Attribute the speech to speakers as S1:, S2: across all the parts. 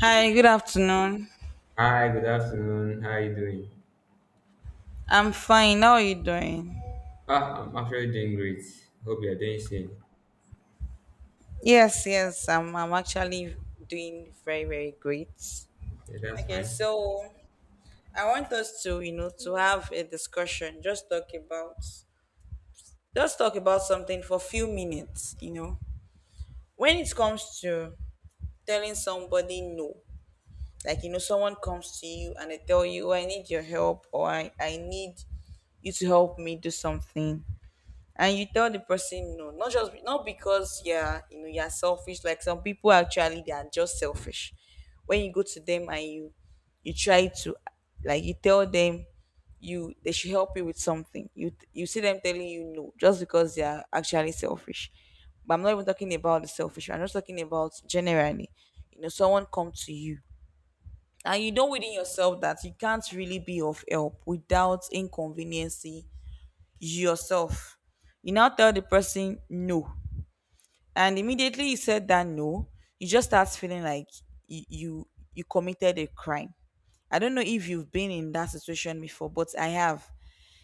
S1: Hi, good afternoon.
S2: Hi, good afternoon. How are you doing?
S1: I'm fine. How are you doing?
S2: I'm actually doing great. Hope you're doing same.
S1: Yes, yes, I'm actually doing very, very great.
S2: Yeah, that's
S1: Okay,
S2: fine.
S1: so I want us to, you know, to have a discussion, just talk about something for a few minutes, you know. When it comes to telling somebody no, like, you know, someone comes to you and they tell you, oh, I need your help or I need you to help me do something, and you tell the person no, not just not because, yeah, you know, you're selfish. Like, some people actually, they are just selfish. When you go to them and you try to, like, you tell them you they should help you with something, you see them telling you no just because they are actually selfish. But I'm not even talking about the selfish, I'm just talking about generally. You know, someone come to you and you know within yourself that you can't really be of help without inconveniencing yourself. You now tell the person no. And immediately you said that no, you just start feeling like you you, you committed a crime. I don't know if you've been in that situation before, but I have.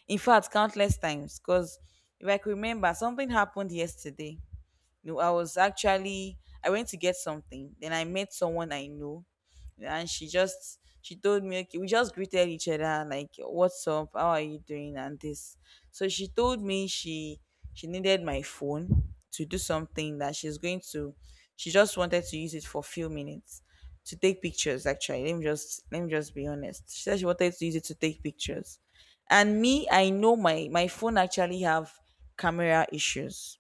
S1: In fact, countless times. Because if I could remember, something happened yesterday. No, I was actually, I went to get something. Then I met someone I know, and she just she told me, okay, we just greeted each other, like what's up, how are you doing, and this. So she told me she needed my phone to do something that she's going to. She just wanted to use it for a few minutes to take pictures. Actually, let me just be honest. She said she wanted to use it to take pictures, and me, I know my phone actually have camera issues.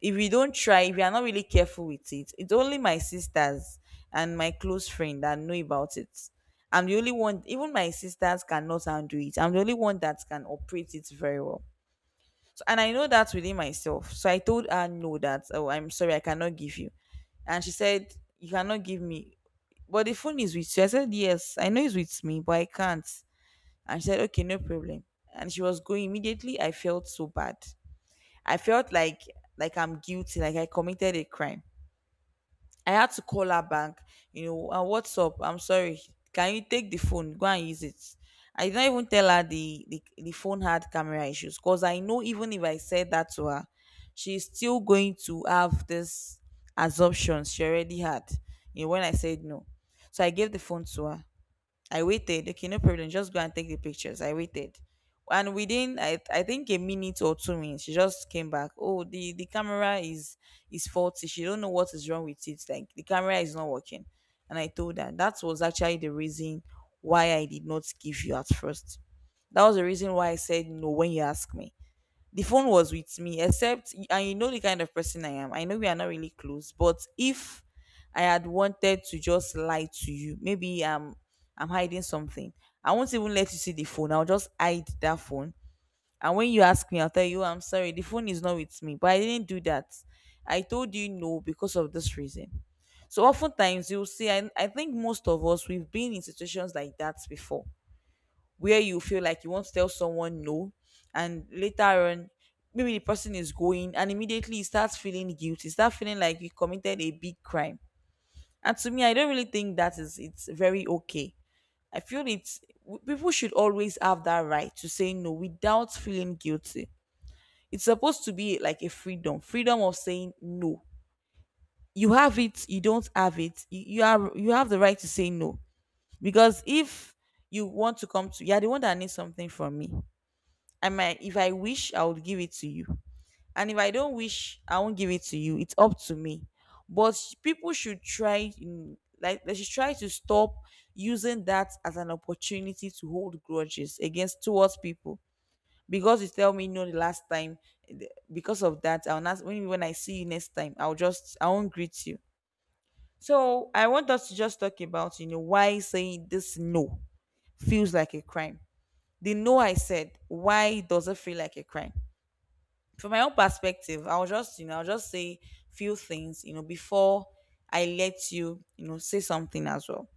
S1: If you don't try, if you are not really careful with it, it's only my sisters and my close friend that know about it. I'm the only one, even my sisters cannot handle it. I'm the only one that can operate it very well. So, and I know that within myself. So I told her no, that oh, I'm sorry, I cannot give you. And she said, you cannot give me, but the phone is with you? I said, yes, I know it's with me, but I can't. And she said, okay, no problem. And she was going. Immediately, I felt so bad. I felt like I'm guilty, like I committed a crime. I had to call her back, you know, what's up? I'm sorry. Can you take the phone? Go and use it. I did not even tell her the, the phone had camera issues, because I know even if I said that to her, she's still going to have this assumptions she already had, you know, when I said no. So I gave the phone to her. I waited. Okay, no problem. Just go and take the pictures. I waited. And within I think a minute or 2 minutes, she just came back. Oh, the camera is faulty. She don't know what is wrong with it. Like, the camera is not working. And I told her that was actually the reason why I did not give you at first. That was the reason why I said no when you asked me, the phone was with me. Except, and you know the kind of person I am, I know we are not really close, but if I had wanted to just lie to you, maybe I'm hiding something, I won't even let you see the phone, I'll just hide that phone. And when you ask me, I'll tell you, I'm sorry, the phone is not with me. But I didn't do that. I told you no because of this reason. So oftentimes you'll see I think most of us, we've been in situations like that before, where you feel like you want to tell someone no, and later on, maybe the person is going, and immediately you start feeling guilty, start feeling like you committed a big crime. And to me, I don't really think that is, it's very okay. I feel it's people should always have that right to say no without feeling guilty. It's supposed to be like a freedom, freedom of saying no. You have it, you don't have it, you are, you have the right to say no. Because if you want to come to, you're the one that needs something from me. I might, if I wish, I would give it to you. And if I don't wish, I won't give it to you. It's up to me. But people should try, like they should try to stop using that as an opportunity to hold grudges against, towards people. Because you tell me no the last time, because of that, I'll not, when I see you next time, I'll just, I won't greet you. So I want us to just talk about, you know, why saying this no feels like a crime. The no I said, why does it feel like a crime? From my own perspective, I'll just, you know, I'll just say few things, you know, before I let you, you know, say something as well.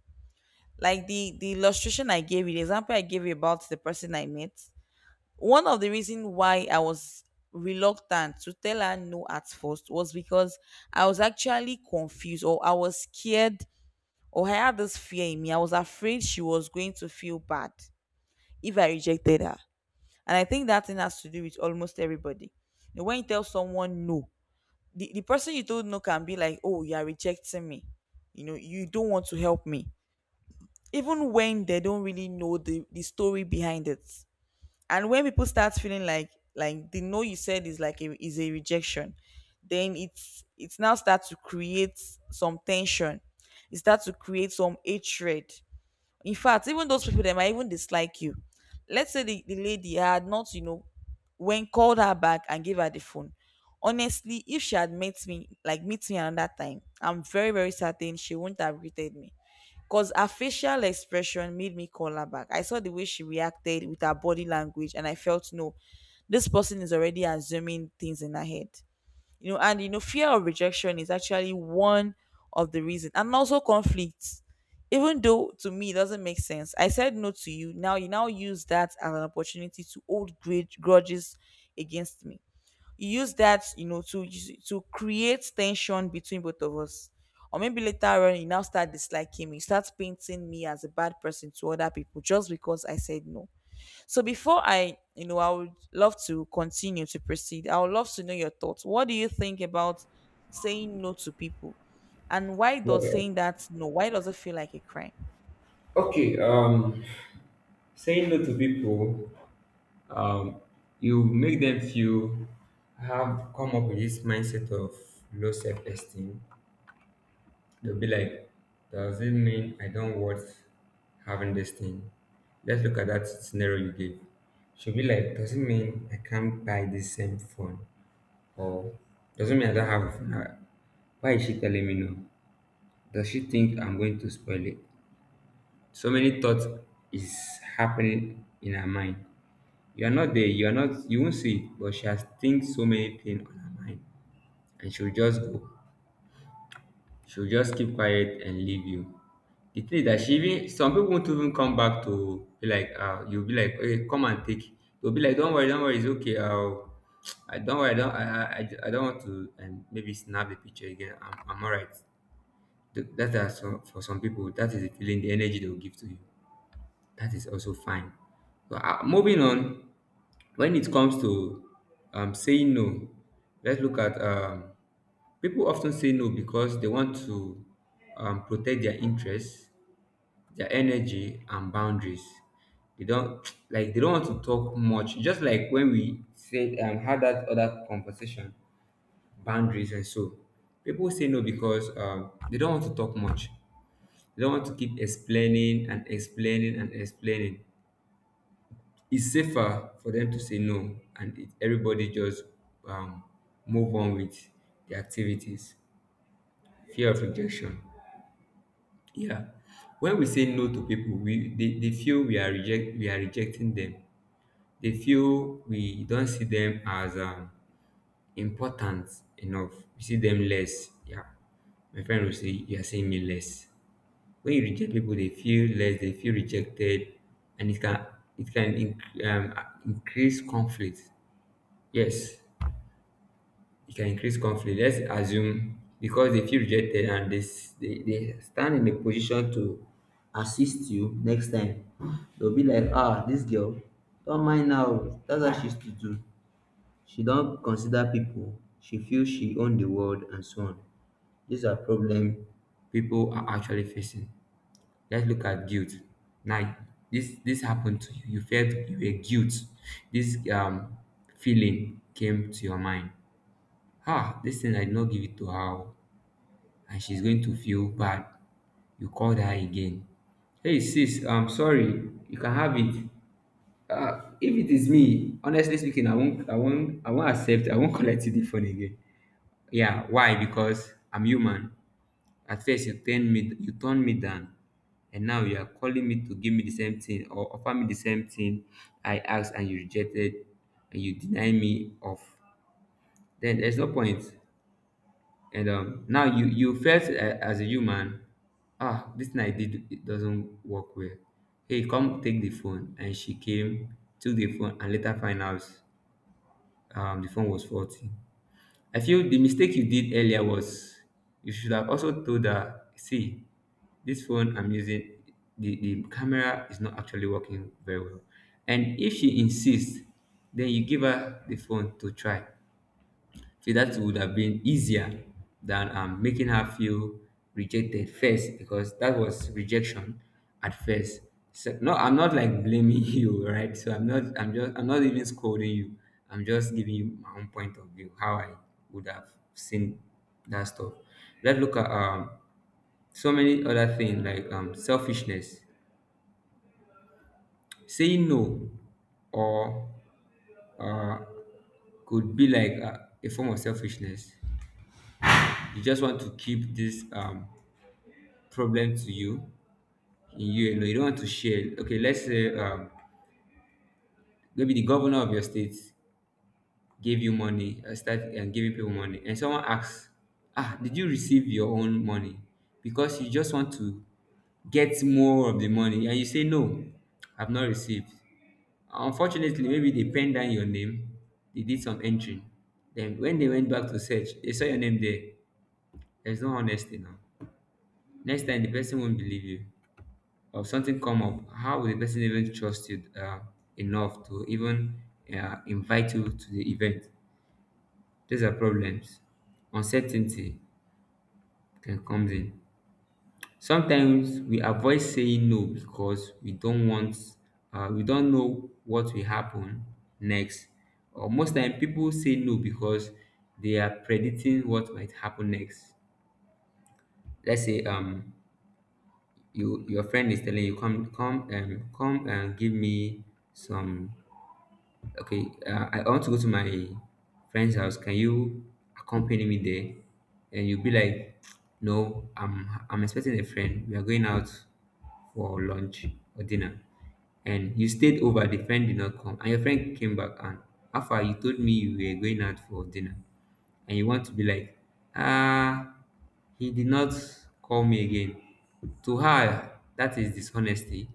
S1: Like the illustration I gave you, the example I gave you about the person I met. One of the reasons why I was reluctant to tell her no at first was because I was actually confused, or I was scared, or I had this fear in me. I was afraid she was going to feel bad if I rejected her. And I think that thing has to do with almost everybody. You know, when you tell someone no, the person you told no can be like, oh, you are rejecting me. You know, you don't want to help me. Even when they don't really know the story behind it. And when people start feeling like the no you said is like a, is a rejection, then it's now start to create some tension. It starts to create some hatred, in fact, even those people that might even dislike you. Let's say the lady had not, you know, when called her back and gave her the phone. Honestly, if she had met me, like meet me another time, I'm very, very certain she wouldn't have greeted me. Because her facial expression made me call her back. I saw the way she reacted with her body language, and I felt, no, this person is already assuming things in her head. You know, and you know, fear of rejection is actually one of the reason. And also conflict, even though to me it doesn't make sense. I said no to you, now you now use that as an opportunity to hold grudges against me. You use that, you know, to create tension between both of us. Or maybe later on, you now start disliking me, you start painting me as a bad person to other people just because I said no. So before I, you know, I would love to continue to proceed. I would love to know your thoughts. What do you think about saying no to people? And why does
S2: Yeah.
S1: saying that no, why does it feel like a crime?
S2: Okay, saying no to people, um, you make them feel, have come up with this mindset of low self-esteem. They'll be like, does it mean I don't worth having this thing? Let's look at that scenario you gave. She'll be like, does it mean I can't buy this same phone? Or does it mean I don't have a phone? Why is she telling me no? Does she think I'm going to spoil it? So many thoughts is happening in her mind. You are not there, you are not you won't see it, but she has think so many things on her mind. And she'll just go. She'll just keep quiet and leave you. The thing is that she even some people won't even come back to be like, you'll be like, okay, come and take. You'll be like, don't worry, don't worry, it's okay. I don't worry. I don't want to, and maybe snap the picture again. I'm alright. That is for some people, that is the feeling, the energy they'll give to you. That is also fine. So, moving on, when it comes to, saying no, let's look at, people often say no because they want to, protect their interests, their energy, and boundaries. They don't like, they don't want to talk much. Just like when we said, had that other conversation, boundaries, and so people say no because, they don't want to talk much. They don't want to keep explaining and explaining and explaining. It's safer for them to say no, and everybody just, um, move on with the activities. Fear of rejection, yeah. When we say no to people, we they feel we are reject we are rejecting them. They feel we don't see them as, important enough. You see them less, yeah. My friend will say you are seeing me less. When you reject people, they feel less, they feel rejected. And it can increase conflict. Yes, it can increase conflict. Let's assume, because they feel rejected and they, s- they stand in a position to assist you next time, they'll be like, this girl, don't mind, now that's how she used to do. She don't consider people. She feels she own the world and so on. These are problems people are actually facing. Let's look at guilt. Now, this happened to you. You felt you were guilt. This feeling came to your mind. This thing I did not give it to her, oh, and she's going to feel bad. You called her again. Hey sis, I'm sorry. You can have it. If it is me, honestly speaking, I won't accept, I won't collect the phone again. Yeah, why? Because I'm human. At first, you turned me down, and now you are calling me to give me the same thing or offer me the same thing I asked and you rejected, and you deny me of. Then there's no point. And now you felt as a human, this thing I did, it doesn't work well. Hey, come take the phone, and she came, took the phone, and later find out, the phone was faulty. I feel the mistake you did earlier was, you should have also told her, see, this phone I'm using, the camera is not actually working very well. And if she insists, then you give her the phone to try. So that would have been easier than, making her feel rejected first, because that was rejection at first. So, no, I'm not like blaming you, right? So I'm not even scolding you. I'm just giving you my own point of view, how I would have seen that stuff. Let's look at, so many other things like, selfishness. Saying no, or uh, could be like a form of selfishness. You just want to keep this, problem to you, in you alone. You don't want to share. Okay, let's say, maybe the governor of your state gave you money, start and giving people money, and someone asks, "Ah, did you receive your own money?" Because you just want to get more of the money, and you say, "No, I've not received." Unfortunately, maybe they penned down your name. They did some entry. Then when they went back to search, they saw your name there. There's no honesty now. Next time the person won't believe you, or something come up. How will the person even trust you, enough to even, invite you to the event? These are problems. Uncertainty can comes in. Sometimes we avoid saying no because we don't know what will happen next. Or most time people say no because they are predicting what might happen next. Let's say, your friend is telling you, come and give me some. Okay, I want to go to my friend's house. Can you accompany me there? And you'll be like, no, I'm expecting a friend. We are going out for lunch or dinner. And you stayed over, the friend did not come, and your friend came back, and after you told me you were going out for dinner, and you want to be like, ah, he did not call me again. To her, that is dishonesty.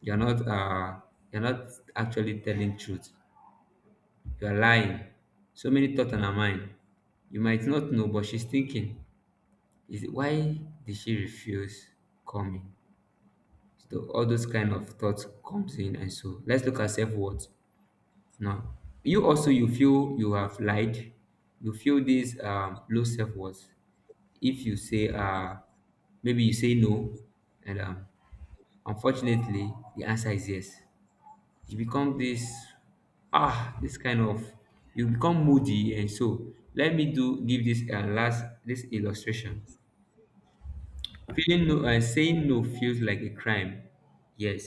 S2: You're not uh you're not actually telling truth. You are lying. So many thoughts on her mind. You might not know, but she's thinking, is it why did she refuse coming? So all those kind of thoughts comes in, and so let's look at self-worth now. You feel you have lied, you feel this, low self-worth. If you say, maybe you say no, and unfortunately the answer is yes, you become this ah this kind of you become moody, and so let me do give this, last this illustration. Feeling no Saying no feels like a crime. Yes,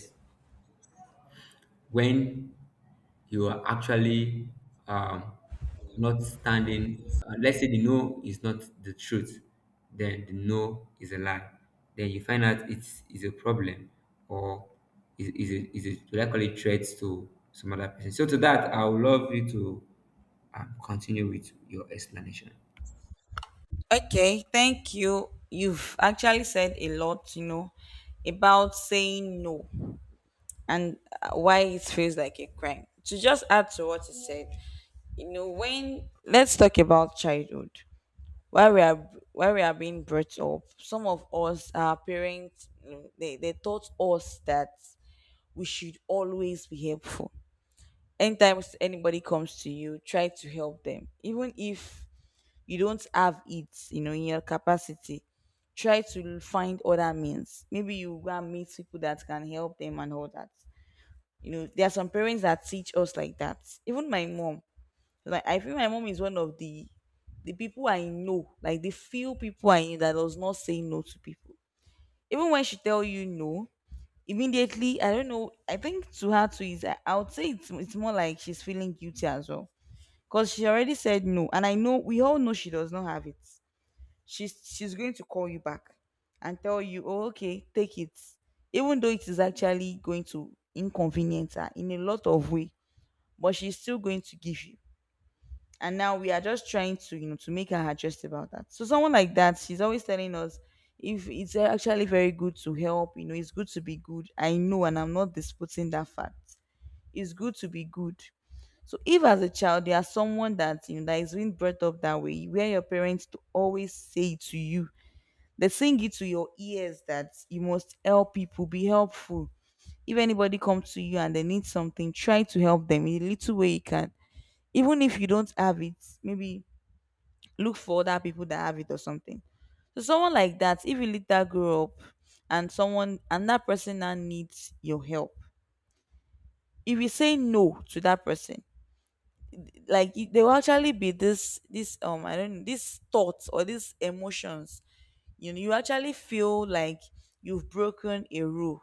S2: when you are actually, um, not standing. Let's say the no is not the truth, then the no is a lie. Then you find out it's is a problem, or is a likely threat to some other person. So to that, I would love you to, continue with your explanation.
S1: Okay, thank you. You've actually said a lot, you know, about saying no and why it feels like a crime. To just add to what you said, you know, when, let's talk about childhood. While we are, while we are being brought up, some of us, our parents, you know, they taught us that we should always be helpful. Anytime anybody comes to you, try to help them. Even if you don't have it, you know, in your capacity, try to find other means. Maybe you go and meet people that can help them and all that. You know, there are some parents that teach us like that. Even my mom, like I feel my mom is one of the people I know, like the few people I know that does not say no to people. Even when she tell you no, immediately, I don't know. I think to her too is, I would say it's more like she's feeling guilty as well, because she already said no, and I know we all know she does not have it. She's going to call you back and tell you, "Oh, okay, take it," even though it is actually going to inconvenience her in a lot of way, but she's still going to give you. And now we are just trying to to make her adjust about that. So someone like that, she's always telling us if it's actually very good to help. It's good to be good. I know, and I'm not disputing that fact. It's good to be good. So if as a child you are someone that that is being brought up that way, where your parents to always say to you, they sing it to your ears that you must help people, be helpful. If anybody comes to you and they need something, try to help them in a little way you can. Even if you don't have it, maybe look for other people that have it or something. So someone like that, if you let that grow up and someone and that person now needs your help, if you say no to that person, like there will actually be this I don't know, these thoughts or these emotions. You know, you actually feel like you've broken a rule.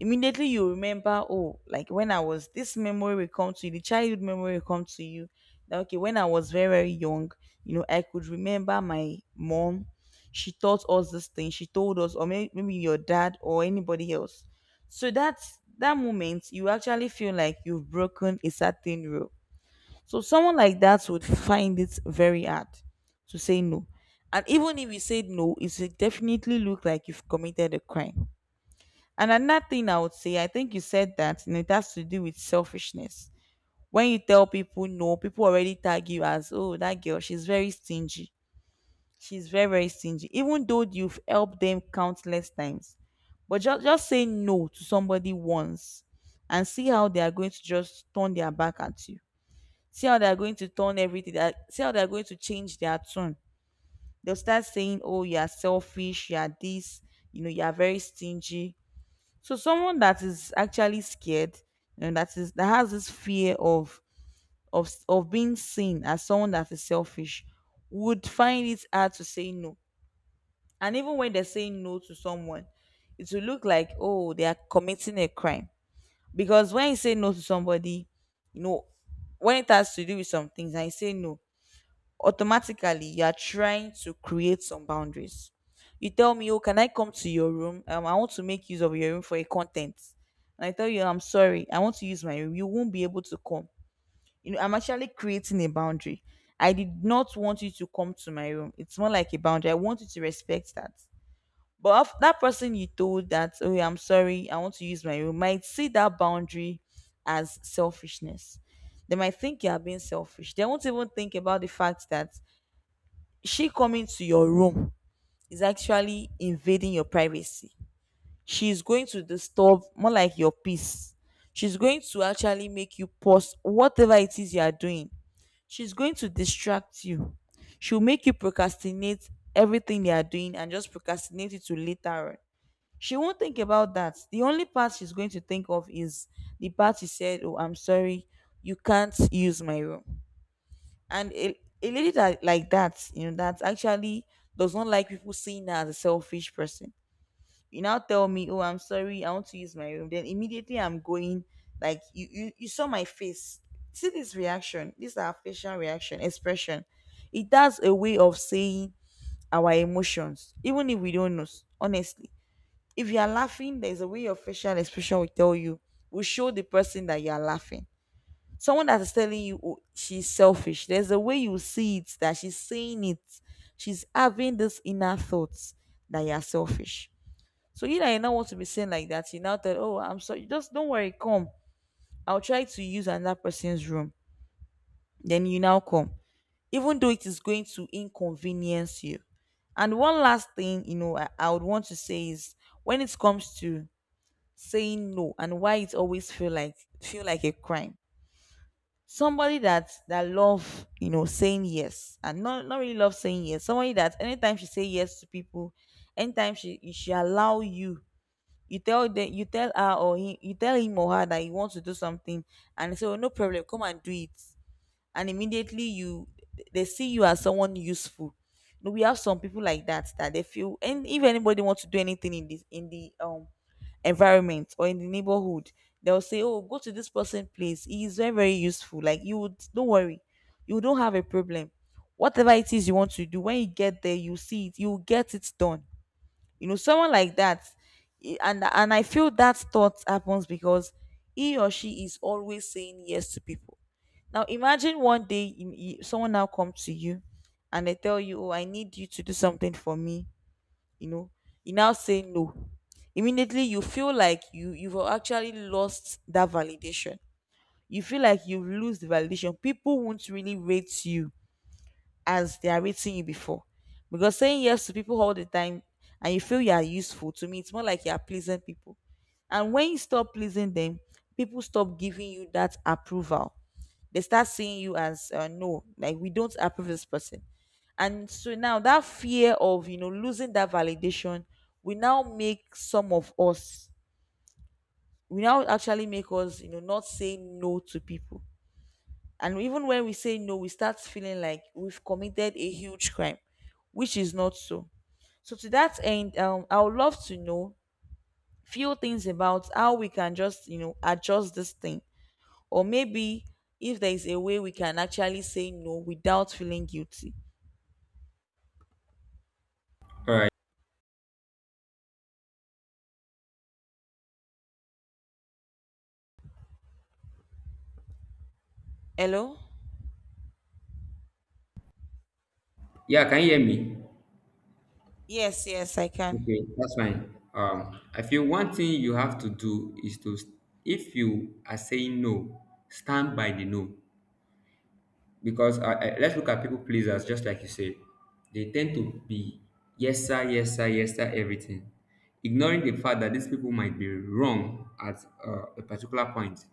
S1: Immediately you remember, oh, like when I was this memory will come to you, the childhood memory will come to you, that okay, when I was very very young, you know, I could remember my mom, she taught us this thing, she told us, or maybe your dad or anybody else. So that's that moment you actually feel like you've broken a certain rule. So someone like that would find it very hard to say no. And even if you said no, it would definitely look like you've committed a crime. And another thing I would say, I think you said that, and it has to do with selfishness. When you tell people no, people already tag you as, oh, that girl, she's very stingy. She's very, very stingy. Even though you've helped them countless times. But just say no to somebody once and see how they are going to just turn their back at you. See how they are going to turn everything. See how they are going to change their tone. They'll start saying, oh, you are selfish, you are this, you know, you are very stingy. So someone that is actually scared and that is that has this fear of of being seen as someone that is selfish would find it hard to say no. And even when they're saying no to someone, it will look like, oh, they are committing a crime. Because when you say no to somebody, you know, when it has to do with some things, I say no, automatically you are trying to create some boundaries. You tell me, "Oh, can I come to your room? I want to make use of your room for a content." And I tell you, "I'm sorry, I want to use my room. You won't be able to come." You know, I'm actually creating a boundary. I did not want you to come to my room. It's more like a boundary. I want you to respect that. But of that person you told that, "Oh, I'm sorry, I want to use my room," might see that boundary as selfishness. They might think you are being selfish. They won't even think about the fact that she coming to your room is actually invading your privacy. She's going to disturb, more like, your peace. She's going to actually make you pause whatever it is you are doing. She's going to distract you. She'll make you procrastinate everything you are doing and just procrastinate it to later on. She won't think about that. The only part she's going to think of is the part she said, "Oh, I'm sorry, you can't use my room." And a lady that like that, you know, that actually does not like people seeing her as a selfish person, you now tell me, "Oh, I'm sorry, I want to use my room," then immediately I'm going, like you saw my face, see this reaction, this is our facial reaction expression. It has a way of saying our emotions. Even if we don't know, honestly, if you are laughing, there's a way your facial expression will tell you, will show the person that you are laughing. Someone that is telling you, "Oh, she's selfish," there's a way you see it that she's saying it, she's having this inner thoughts that you're selfish. So you that you now want to be seen like that, you now tell, "Oh, I'm sorry, just don't worry, come, I'll try to use another person's room." Then you now come, even though it is going to inconvenience you. And one last thing, you know, I would want to say is when it comes to saying no and why it always feel like a crime. Somebody that love, you know, saying yes, and not really love saying yes, somebody that anytime she say yes to people, anytime she allow you, you tell them, you tell her or he, you tell him or her that you want to do something, and they say, "Oh, no problem, come and do it." And immediately you, they see you as someone useful. You know, we have some people like that, that they feel, and if anybody wants to do anything in this, in the environment or in the neighborhood, they'll say, "Oh, go to this person place. He is very, very useful. Like, you would, don't worry, you don't have a problem. Whatever it is you want to do, when you get there, you see it, you will get it done." You know, someone like that, and I feel that thought happens because he or she is always saying yes to people. Now imagine one day someone now comes to you and they tell you, "Oh, I need you to do something for me," you know, you now say no. Immediately you feel like you've actually lost that validation. You feel like you've lost the validation. People won't really rate you as they are rating you before. Because saying yes to people all the time and you feel you are useful, to me, it's more like you are pleasing people. And when you stop pleasing them, people stop giving you that approval. They start seeing you as, no, like, "We don't approve this person." And so now that fear of, you know, losing that validation will now make some of us, we now actually make us, you know, not say no to people. And even when we say no, we start feeling like we've committed a huge crime, which is not so. So to that end, I would love to know few things about how we can just, you know, adjust this thing. Or maybe if there is a way we can actually say no without feeling guilty.
S2: All right.
S1: Hello?
S2: Yeah, can you hear me?
S1: Yes, yes, I can.
S2: Okay, that's fine. I feel one thing you have to do is to, if you are saying no, stand by the no. Because let's look at people pleasers, just like you said. They tend to be yes sir, yes sir, yes sir, everything, ignoring the fact that these people might be wrong at, a particular point,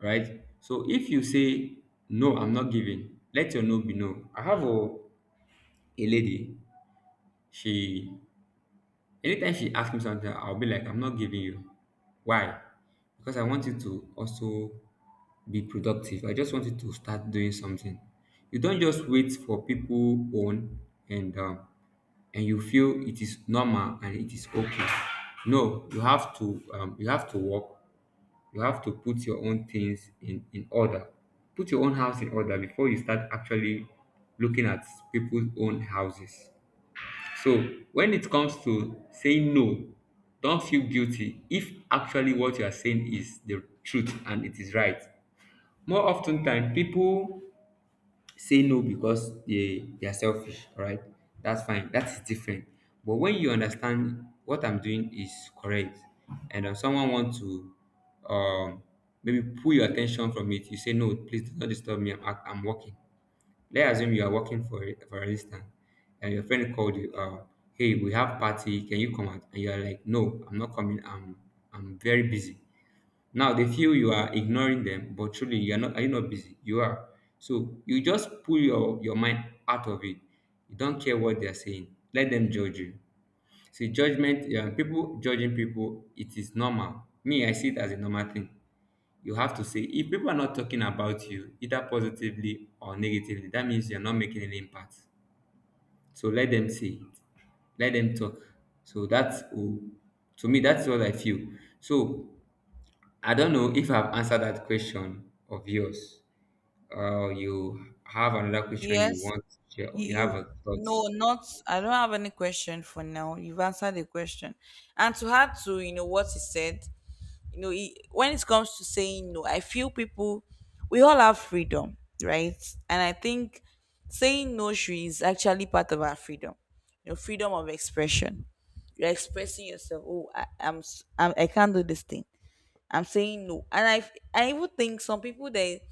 S2: right? So if you say no, I'm not giving, let your no be no. I have a lady. She Anytime she asks me something, I'll be like, I'm not giving you. Why? Because I want you to also be productive. I just want you to start doing something. You don't just wait for people own, and and you feel it is normal and it is okay. No, you have to work. You have to put your own things in order. Put your own house in order before you start actually looking at people's own houses. So when it comes to saying no, don't feel guilty if actually what you are saying is the truth and it is right. More often than people say no because they are selfish, right? That's fine, that's different. But when you understand what I'm doing is correct, and if someone wants to, um, maybe pull your attention from it, you say no, please do not disturb me, I'm working. Let's assume you are working, for instance, and your friend called you, hey, we have party, can you come out? And you are like, no, I'm not coming. I'm very busy. Now they feel you are ignoring them, but truly you are not. Are you not busy? You are. So you just pull your mind out of it. You don't care what they are saying. Let them judge you. See, judgment, yeah, people judging people, it is normal. Me, I see it as a normal thing. You have to say, if people are not talking about you either positively or negatively, that means you're not making an impact. So let them say it, let them talk. So that's oh, to me, that's what I feel. So I don't know if I've answered that question of yours, or you have another question you
S1: Yes,
S2: want to share, or
S1: you,
S2: you have
S1: you
S2: a thought.
S1: no, not I don't have any question for now. You've answered the question. And to add to, you know, what he said, you know it, when it comes to saying no, I feel people, we all have freedom, right? And I think saying no should is actually part of our freedom. You know, freedom of expression. You're expressing yourself. Oh, I'm, I'm, I can't do this thing. I'm saying no. And I even think some people, they,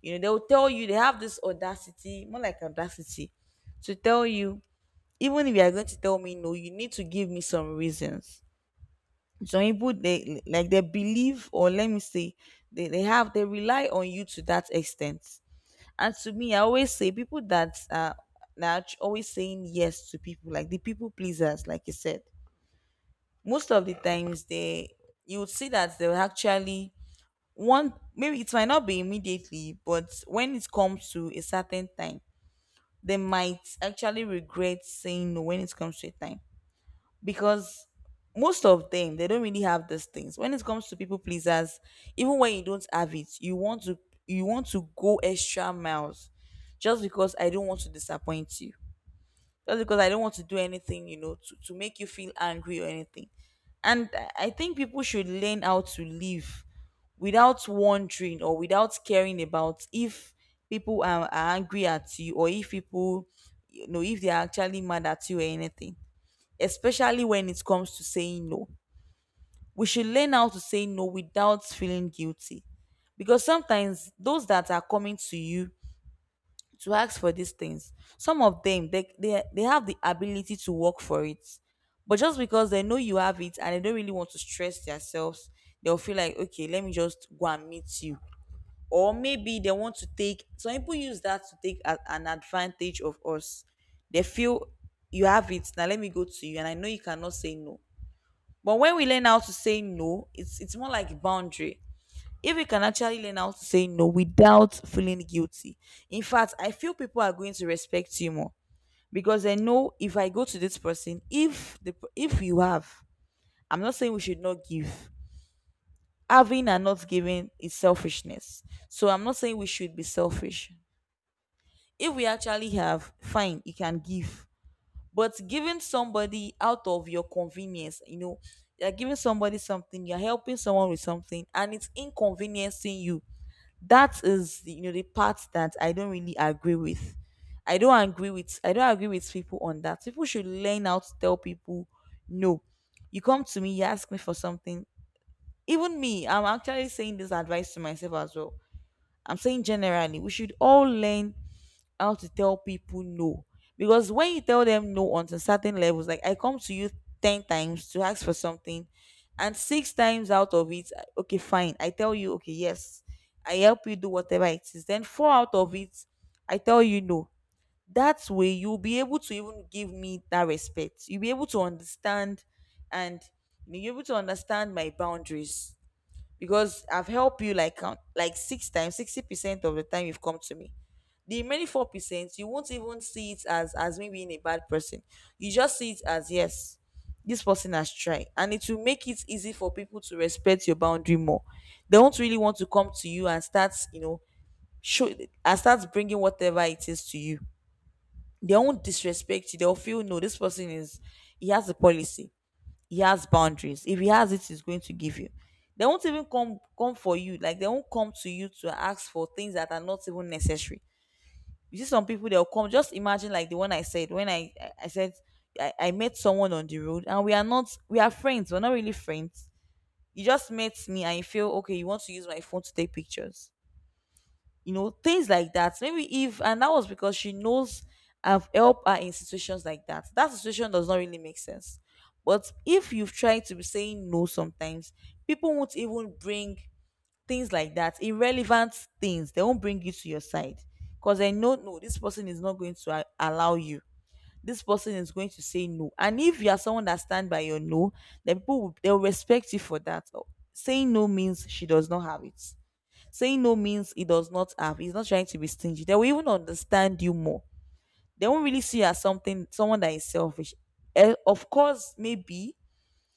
S1: you know, they'll tell you, they have this audacity, more like audacity, to tell you, "Even if you are going to tell me no, you need to give me some reasons." Some people, they like, they believe, or let me say, they have, they rely on you to that extent. And to me, I always say people that are always saying yes to people, like the people pleasers like you said, most of the times they, you would see that they will actually want, maybe it might not be immediately, but when it comes to a certain time, they might actually regret saying no when it comes to a time. Because most of them, they don't really have these things when it comes to people pleasers. Even when you don't have it, you want to, you want to go extra miles, just because I don't want to disappoint you, just because I don't want to do anything, you know, to make you feel angry or anything. And I think people should learn how to live without wondering or without caring about if people are angry at you, or if people, you know, if they are actually mad at you or anything, especially when it comes to saying no. We should learn how to say no without feeling guilty. Because sometimes those that are coming to you to ask for these things, some of them, they have the ability to work for it. But just because they know you have it and they don't really want to stress themselves, they'll feel like, okay, let me just go and meet you. Or maybe they want to take some people use that to take an advantage of us. They feel you have it now. Let me go to you, and I know you cannot say no. But when we learn how to say no, it's more like a boundary. If we can actually learn how to say no without feeling guilty. In fact, I feel people are going to respect you more because they know if I go to this person, if you have, I'm not saying we should not give. Having and not giving is selfishness. So I'm not saying we should be selfish. If we actually have, fine, you can give. But giving somebody out of your convenience, you're giving somebody something, you're helping someone with something and it's inconveniencing you, that is the part that I don't really agree with. I don't agree with people on that. People should learn how to tell people no. You come to me, you ask me for something. Even me, I'm actually saying this advice to myself as well. I'm saying generally we should all learn how to tell people no. Because when you tell them no until certain levels, like I come to you 10 times to ask for something, and six times out of it, okay, fine, I tell you okay, yes, I help you do whatever it is, then four out of it I tell you no. That way you'll be able to even give me that respect, you'll be able to understand, and you'll be able to understand my boundaries. Because I've helped you like count like six times, 60% of the time you've come to me. The remaining 4%, you won't even see it as me being a bad person. You just see it as yes, this person has tried, and it will make it easy for people to respect your boundary more. They won't really want to come to you and start, show and start bringing whatever it is to you. They won't disrespect you. They'll feel no, this person is, he has a policy, he has boundaries. If he has it, he's going to give you. They won't even come for you. Like they won't come to you to ask for things that are not even necessary. You see some people, they'll come. Just imagine like the one I said when I said, I met someone on the road and we are not, we are friends. We're not really friends. You just met me and you feel okay. You want to use my phone to take pictures, things like that, maybe if, and that was because she knows I've helped her in situations like that. That situation does not really make sense. But if you've tried to be saying no sometimes, people won't even bring things like that, irrelevant things they won't bring you to your side, because they know no, this person is not going to allow you. This person is going to say no, and if you are someone that stand by your no, then people will, they'll respect you for that. Saying no means she does not have it. Saying no means he does not have. He's not trying to be stingy. They will even understand you more. They won't really see you as something, someone that is selfish. Of course, maybe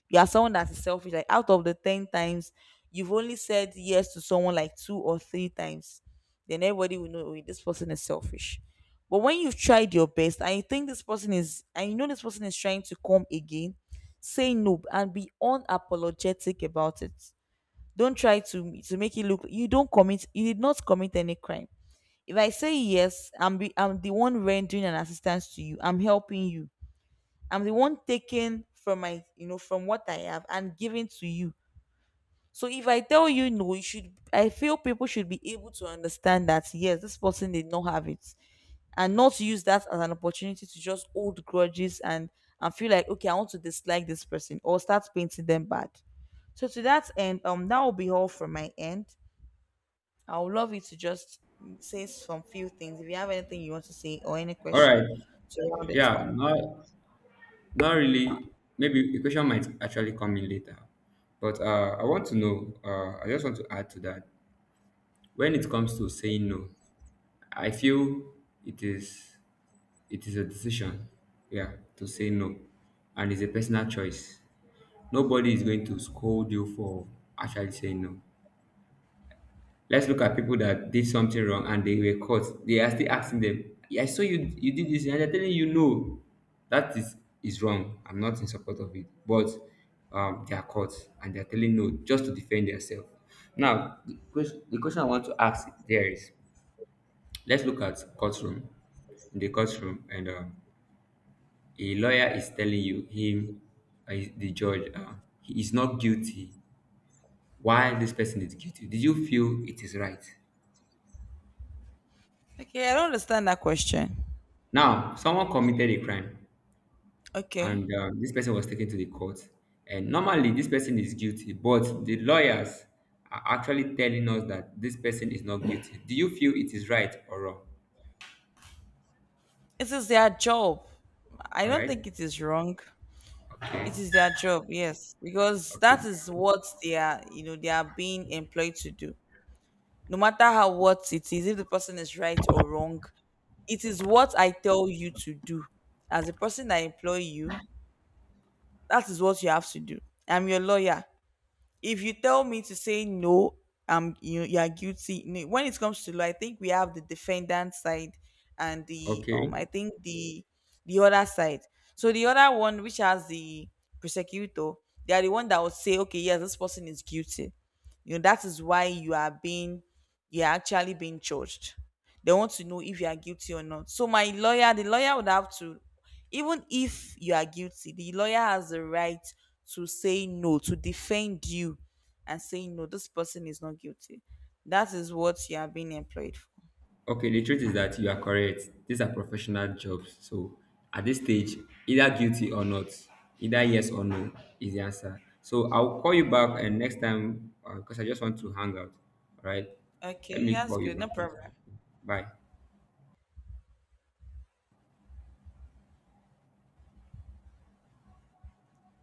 S1: you are someone that is selfish. Like out of the 10 times, you've only said yes to someone like 2 or 3 times. Then everybody will know, "Oh, this person is selfish." But when you've tried your best, and you think this person is, and you know this person is trying to come again, say no and be unapologetic about it. Don't try to make it look, you don't commit, you did not commit any crime. If I say yes, I'm the one rendering an assistance to you. I'm helping you. I'm the one taking from my, from what I have and giving to you. So if I tell you no, you should, I feel people should be able to understand that yes, this person did not have it, and not use that as an opportunity to just hold grudges and feel like okay, I want to dislike this person or start painting them bad. So to that end, that will be all from my end. I would love you to just say some few things. If you have anything you want to say or any
S2: All
S1: question
S2: right.
S1: to round it
S2: Yeah,
S1: up.
S2: not really. Maybe the question might actually come in later, but, I want to know, I just want to add to that. When it comes to saying no, I feel it is it is a decision, yeah, to say no, and it's a personal choice. Nobody is going to scold you for actually saying no. Let's look at people that did something wrong and they were caught. They are still asking them, "Yeah, I saw you did this," and they're telling you no. That is wrong. I'm not in support of it. But, they are caught and they are telling no just to defend themselves. Now, the question I want to ask there is. Let's look at courtroom. In the courtroom, and, a lawyer is telling you him, the judge, he is not guilty. Why this person is guilty? Did you feel it is right?
S1: Okay, I don't understand that question.
S2: Now, someone committed a crime,
S1: Okay.
S2: and, this person was taken to the court. And normally, this person is guilty, but the lawyers are actually telling us that this person is not guilty. Do you feel it is right or wrong?
S1: It is their job. I
S2: All
S1: don't
S2: right.
S1: think it is wrong. It is their job, yes. Because
S2: Okay.
S1: that is what they are, they are being employed to do. No matter how what it is, if the person is right or wrong, it is what I tell you to do. As a person that employ you, that is what you have to do. I'm your lawyer. If you tell me to say no, you are guilty. No, when it comes to law, I think we have the defendant side, and the,
S2: Okay.
S1: I think the, other side. So the other one which has the prosecutor, they are the one that would say okay, yes, this person is guilty. You know that is why you are being, you are actually being judged. They want to know if you are guilty or not. So my lawyer, the lawyer would have to, even if you are guilty, the lawyer has the right to say no, to defend you and say no, this person is not guilty. That is what you are being employed for.
S2: Okay, the truth is that you are correct. These are professional jobs. So at this stage, either guilty or not, either yes or no is the answer. So I'll call you back and next time, because I just want to hang out. All right. Let
S1: Okay,
S2: me
S1: that's
S2: call you
S1: good,
S2: back.
S1: no problem.
S2: Bye.